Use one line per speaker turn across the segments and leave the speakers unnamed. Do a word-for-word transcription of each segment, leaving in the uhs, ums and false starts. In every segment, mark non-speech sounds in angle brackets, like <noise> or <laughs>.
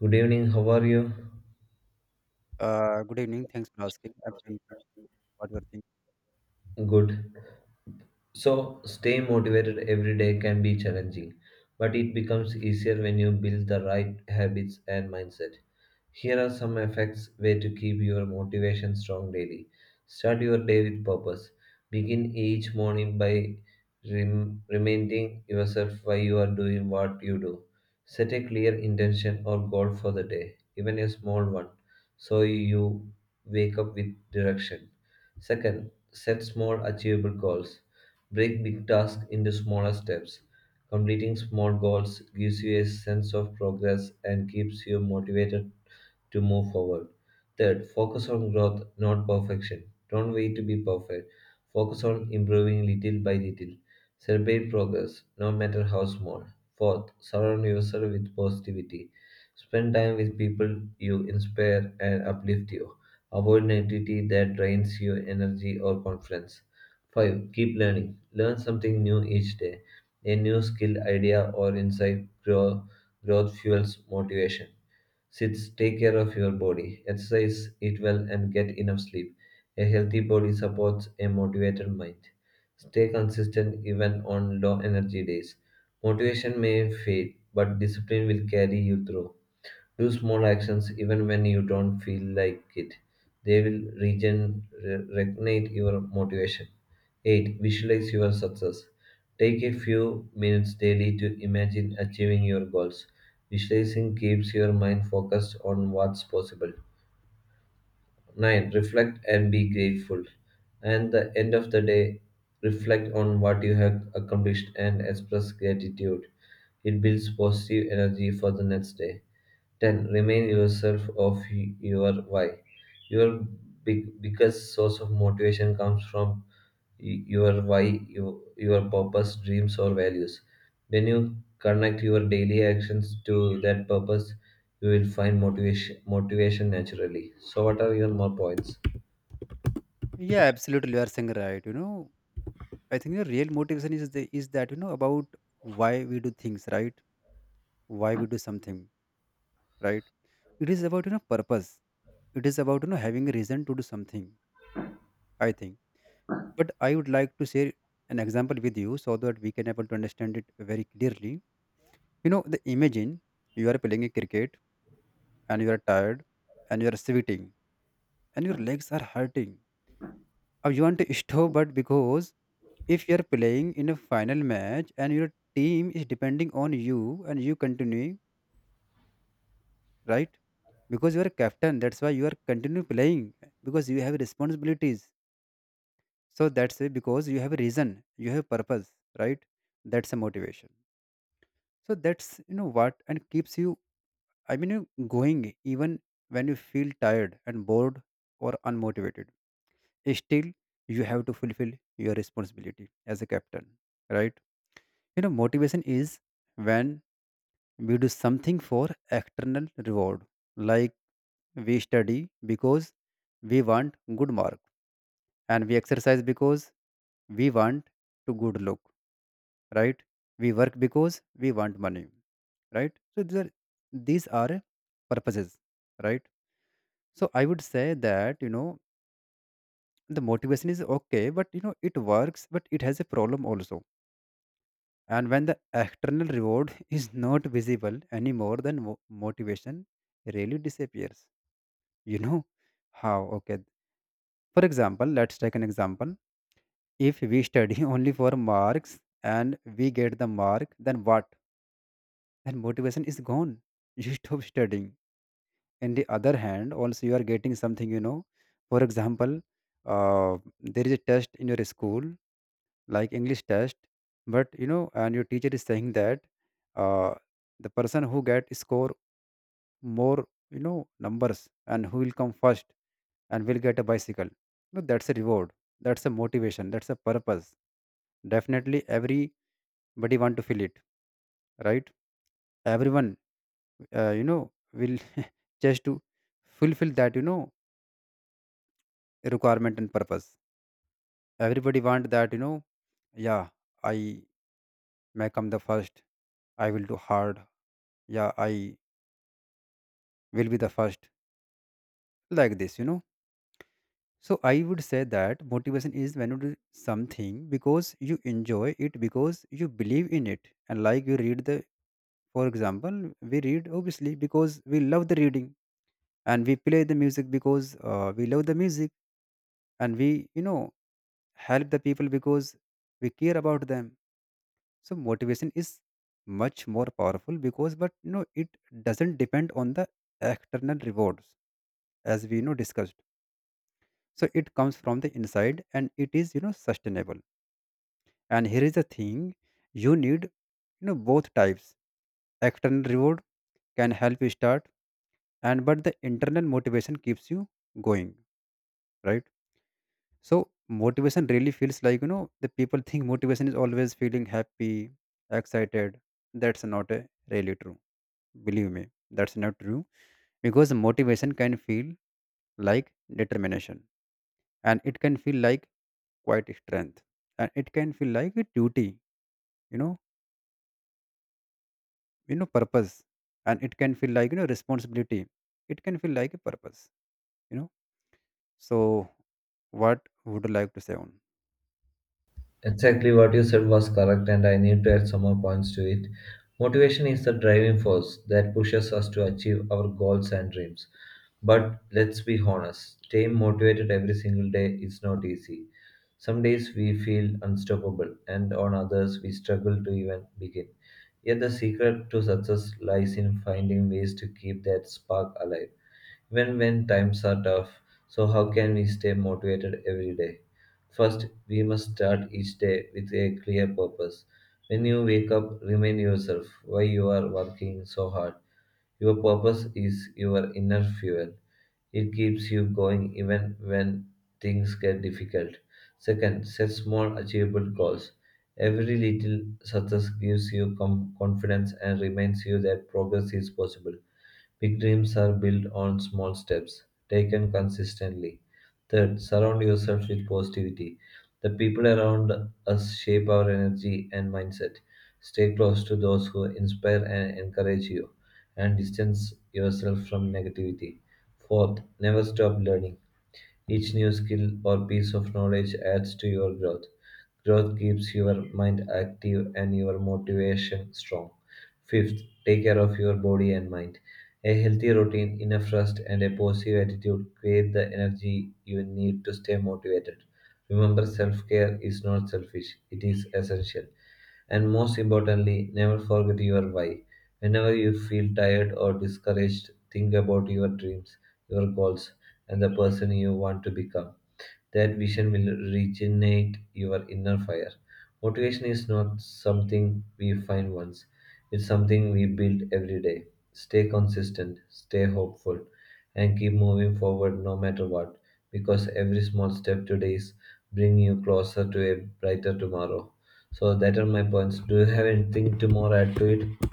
Good evening, how are you?
Uh, good evening. Thanks for asking. I'm doing great. What you are?
Good. So, stay motivated every day can be challenging, but it becomes easier when you build the right habits and mindset. Here are some effects way to keep your motivation strong daily. Start your day with purpose. Begin each morning by rem- reminding yourself why you are doing what you do. Set a clear intention or goal for the day, even a small one, so you wake up with direction. Second, set small achievable goals. Break big tasks into smaller steps. Completing small goals gives you a sense of progress and keeps you motivated to move forward. Third, focus on growth, not perfection. Don't wait to be perfect. Focus on improving little by little. Celebrate progress, no matter how small. Fourth, surround yourself with positivity. Spend time with people you inspire and uplift you. Avoid negativity that drains your energy or confidence. five. Keep learning. Learn something new each day. A new skill, idea, or insight grow, growth fuels motivation. Six. Take care of your body. Exercise, eat well, and get enough sleep. A healthy body supports a motivated mind. Stay consistent even on low energy days. Motivation may fade, but discipline will carry you through. Do small actions even when you don't feel like it. They will regen- re- reignite your motivation. eight. Visualize your success. Take a few minutes daily to imagine achieving your goals. Visualizing keeps your mind focused on what's possible. nine. Reflect and be grateful. And the end of the day, reflect on what you have accomplished and express gratitude. It builds positive energy for the next day. ten. Remain yourself of y- your why. Your big, biggest source of motivation comes from y- your why, your, your purpose, dreams, or values. When you connect your daily actions to that purpose, you will find motivation, motivation naturally. So, what are your more points?
Yeah, absolutely. You are saying right. You know, I think the real motivation is the is that you know about why we do things, right? Why we do something, right? It is about you know purpose. It is about you know having a reason to do something, I think. But I would like to share an example with you so that we can able to understand it very clearly. You know, the imagine you are playing a cricket and you are tired and you are sweating and your legs are hurting. Or you want to stop, but because if you're playing in a final match and your team is depending on you and you continue, right? Because you are captain, that's why you are continue playing because you have responsibilities. So that's it, because you have a reason, you have purpose, right? That's a motivation. So that's you know what and keeps you, I mean you going even when you feel tired and bored or unmotivated. Still you have to fulfill your responsibility as a captain, right? You know, motivation is when we do something for external reward, like we study because we want good mark, and we exercise because we want to good look, right? We work because we want money, right? So these are these are purposes, right? So I would say that you know the motivation is okay, but you know it works, but it has a problem also. And when the external reward is not visible anymore, then mo- motivation really disappears. You know how? Okay. For example, let's take an example. If we study <laughs> only for marks and we get the mark, then what? Then motivation is gone. <laughs> You stop studying. In the other hand, also you are getting something, you know. For example, uh, there is a test in your school like english test but you know and your teacher is saying that uh, the person who get score more you know numbers and who will come first and will get a bicycle. No, that's a reward, that's a motivation, that's a purpose. Definitely everybody want to feel it, right? Everyone uh, you know will <laughs> just to fulfill that you know requirement and purpose. Everybody want that, you know. Yeah, I may come the first, I will do hard. Yeah, I will be the first, like this, you know. So I would say that motivation is when you do something because you enjoy it, because you believe in it, and like you read the, for example, we read obviously because we love the reading, and we play the music because uh, we love the music, and we you know help the people because we care about them. So motivation is much more powerful because but you know it doesn't depend on the external rewards, as we you know discussed. So it comes from the inside and it is you know sustainable. And here is the thing, you need you know both types. External reward can help you start, and but the internal motivation keeps you going, right? So motivation really feels like you know the people think motivation is always feeling happy, excited. That's not uh, really true, believe me, that's not true. Because motivation can feel like determination, and it can feel like quite strength, and it can feel like a duty, you know, you know purpose, and it can feel like you know responsibility, it can feel like a purpose, you know. So what would you like to say on?
Exactly what you said was correct, and I need to add some more points to it. Motivation is the driving force that pushes us to achieve our goals and dreams. But let's be honest, staying motivated every single day is not easy. Some days we feel unstoppable, and on others we struggle to even begin. Yet the secret to success lies in finding ways to keep that spark alive. When when times are tough, so how can we stay motivated every day? First, we must start each day with a clear purpose. When you wake up, remind yourself why you are working so hard. Your purpose is your inner fuel. It keeps you going even when things get difficult. Second, set small achievable goals. Every little success gives you com- confidence and reminds you that progress is possible. Big dreams are built on small steps, taken consistently. Third, surround yourself with positivity. The people around us shape our energy and mindset. Stay close to those who inspire and encourage you, and distance yourself from negativity. Fourth, never stop learning. Each new skill or piece of knowledge adds to your growth. Growth keeps your mind active and your motivation strong. Fifth, take care of your body and mind. A healthy routine, enough rest, and a positive attitude create the energy you need to stay motivated. Remember, self care is not selfish, it is essential. And most importantly, never forget your why. Whenever you feel tired or discouraged, think about your dreams, your goals, and the person you want to become. That vision will regenerate your inner fire. Motivation is not something we find once, it's something we build every day. Stay consistent, stay hopeful, and keep moving forward no matter what, because every small step today is bringing you closer to a brighter tomorrow. So that are my points. Do you have anything to more add to it?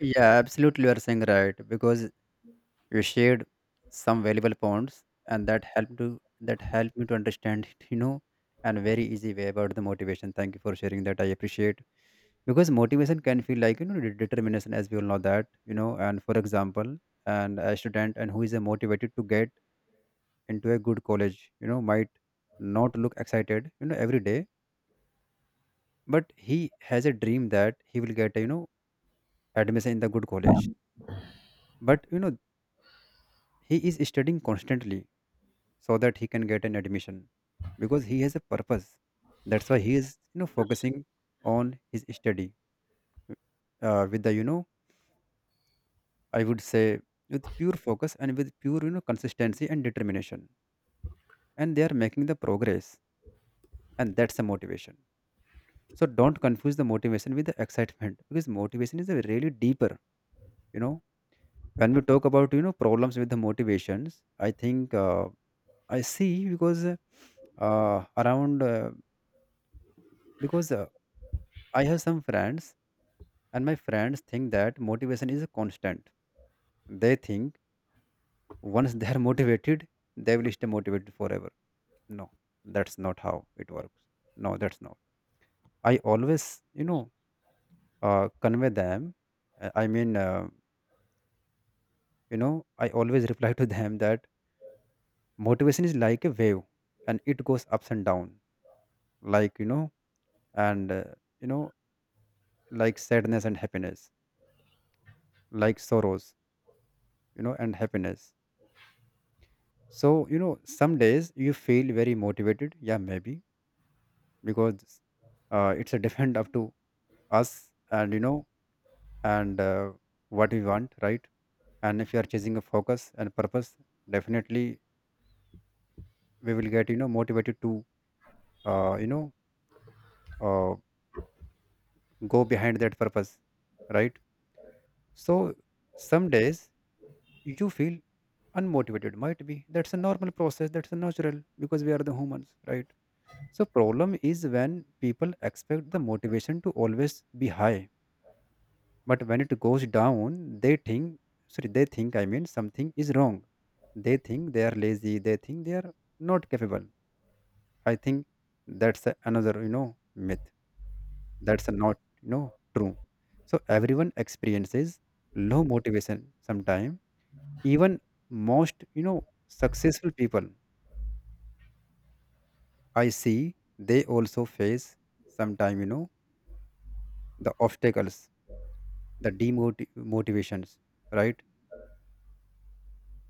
Yeah, absolutely, you are saying right because you shared some valuable points and that helped to that helped me to understand <laughs> it, you know, and very easy way about the motivation. Thank you for sharing that, I appreciate. Because motivation can feel like you know de- determination, as we all know that you know. And for example, and a student and who is uh, motivated to get into a good college, you know, might not look excited you know every day, but he has a dream that he will get a, you know, admission in the good college. But you know he is studying constantly so that he can get an admission, because he has a purpose. That's why he is you know focusing on his study, uh, with the you know, I would say, with pure focus and with pure you know consistency and determination, and they are making the progress, and that's the motivation. So don't confuse the motivation with the excitement, <laughs> because motivation is a really deeper, you know. When we talk about you know problems with the motivations, I think, uh, I see because uh, around uh, because uh, I have some friends. And my friends think that motivation is constant. They think once they are <laughs> motivated, they will stay motivated forever. No, that's not how it works. No, that's not. I always, you know, uh, convey them. uh, I mean, uh, you know, I always <laughs> reply to them that motivation is like a wave and it goes ups and down, like, you know, and, uh, you know, like sadness and happiness, like sorrows, you know, and happiness. So, you know, some days you feel very motivated. Yeah, maybe because uh, it's a depend up to us and you know and uh, what we want, right? And if you are chasing a focus and purpose, definitely we will get you know motivated to uh, you know uh, go behind that purpose, right? So some days you feel unmotivated, might be that's a normal process, that's a natural, because we are the humans, right? So problem is when people expect the motivation to always be high, but when it goes down they think, sorry, they think, I mean, something is wrong. They think they are lazy, they think they are not capable. I think that's a- another you know myth, that's a not you know true. So everyone experiences low motivation sometime. Even most you know successful people, I see, they also face sometime you know the obstacles, the demotivations, right?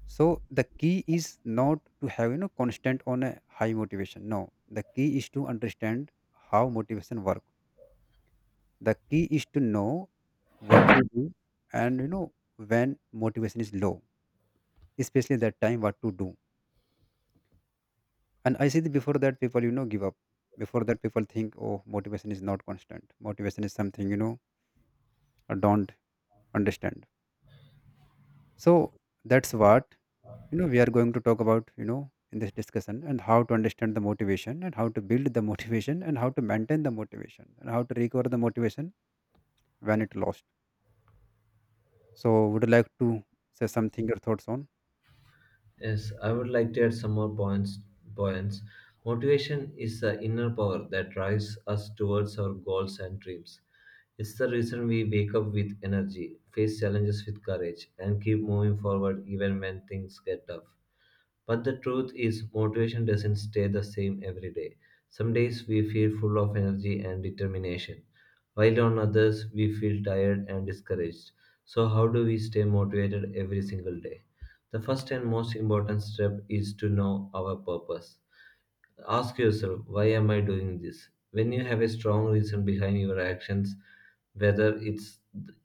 So the key is not to have you know constant on a high motivation. No, the key is to understand how motivation work. The key is to know what to do and you know when motivation is low, especially that time what to do. And I see that before that people you know give up. Before that people think, oh motivation is not constant, motivation is something you know I don't understand. So that's what you know we are going to talk about you know in this discussion, and how to understand the motivation, and how to build the motivation, and how to maintain the motivation, and how to recover the motivation when it lost. So would you like to say something, your thoughts on?
Yes, I would like to add some more points. Points. Motivation is the inner power that drives us towards our goals and dreams. It's the reason we wake up with energy, face challenges with courage, and keep moving forward even when things get tough. But the truth is, motivation doesn't stay the same every day. Some days we feel full of energy and determination, while on others we feel tired and discouraged. So, how do we stay motivated every single day? The first and most important step is to know our purpose. Ask yourself, why am I doing this? When you have a strong reason behind your actions, whether it's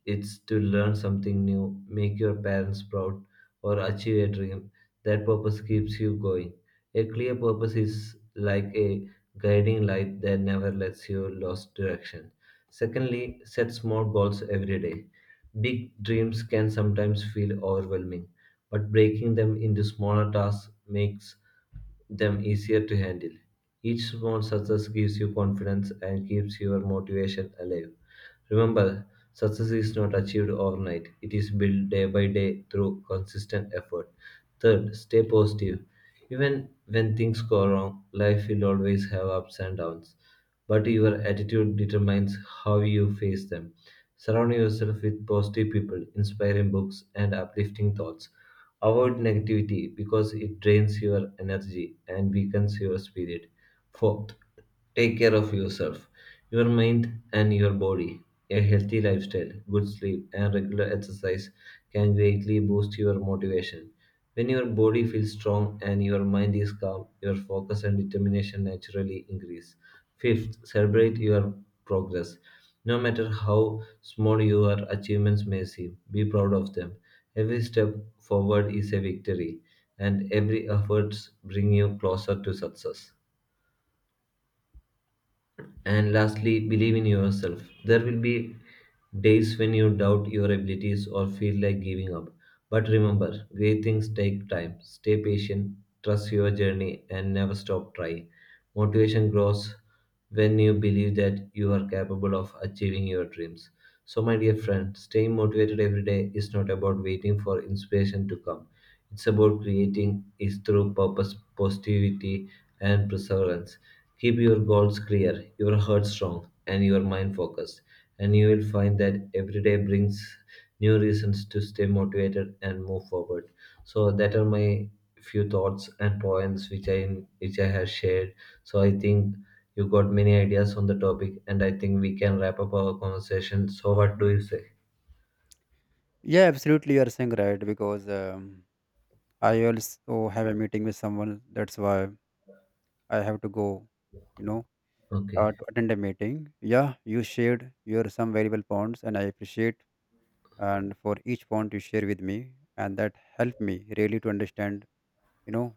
it's to learn something new, make your parents proud, or achieve a dream, that purpose keeps you going. A clear purpose is like a guiding light that never lets you lose direction. Secondly, set small goals every day. Big dreams can sometimes feel overwhelming, but breaking them into smaller tasks makes them easier to handle. Each small success gives you confidence and keeps your motivation alive. Remember, success is not achieved overnight, it is built day by day through consistent effort. Third, stay positive. Even when things go wrong, life will always have ups and downs, but your attitude determines how you face them. Surround yourself with positive people, inspiring books, and uplifting thoughts. Avoid negativity because it drains your energy and weakens your spirit. Fourth, take care of yourself, your mind, and your body. A healthy lifestyle, good sleep, and regular exercise can greatly boost your motivation. When your body feels strong and your mind is calm, your focus and determination naturally increase. Fifth, celebrate your progress. No matter how small your achievements may seem, be proud of them. Every step forward is a victory, and every effort brings you closer to success. And lastly, believe in yourself. There will be days when you doubt your abilities or feel like giving up. But remember, great things take time. Stay patient, trust your journey, and never stop trying. Motivation grows when you believe that you are capable of achieving your dreams. So, my dear friend, staying motivated every day is not about waiting for inspiration to come. It's about creating it through purpose, positivity, and perseverance. Keep your goals clear, your heart strong, and your mind focused, and you will find that every day brings new reasons to stay motivated and move forward. So that are my few thoughts and points which I which I have shared. So I think you got many ideas on the topic, and I think we can wrap up our conversation. So what do you say?
Yeah, absolutely, you are saying right because um, I also have a meeting with someone, that's why I have to go, you know,
Okay.
uh, to attend a meeting. Yeah, you shared your some valuable points and I appreciate, and for each point you share with me, and that helped me really to understand, you know,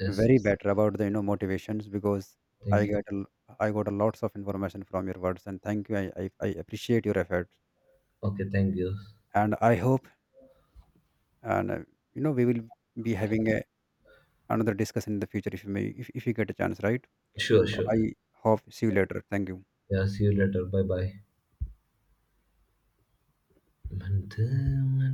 Yes.
very
Yes.
better about the you know motivations. Because I
Thank you.
get a l- I got a lots of information from your words, and thank you. I I, I appreciate your efforts,
Okay. Thank you.
and I hope, and uh, you know we will be having a, another discussion in the future, if you may, if, if you get a chance, right?
Sure.
So
Sure.
I hope see you later. Thank you.
Yeah. See you later. Bye. Bye.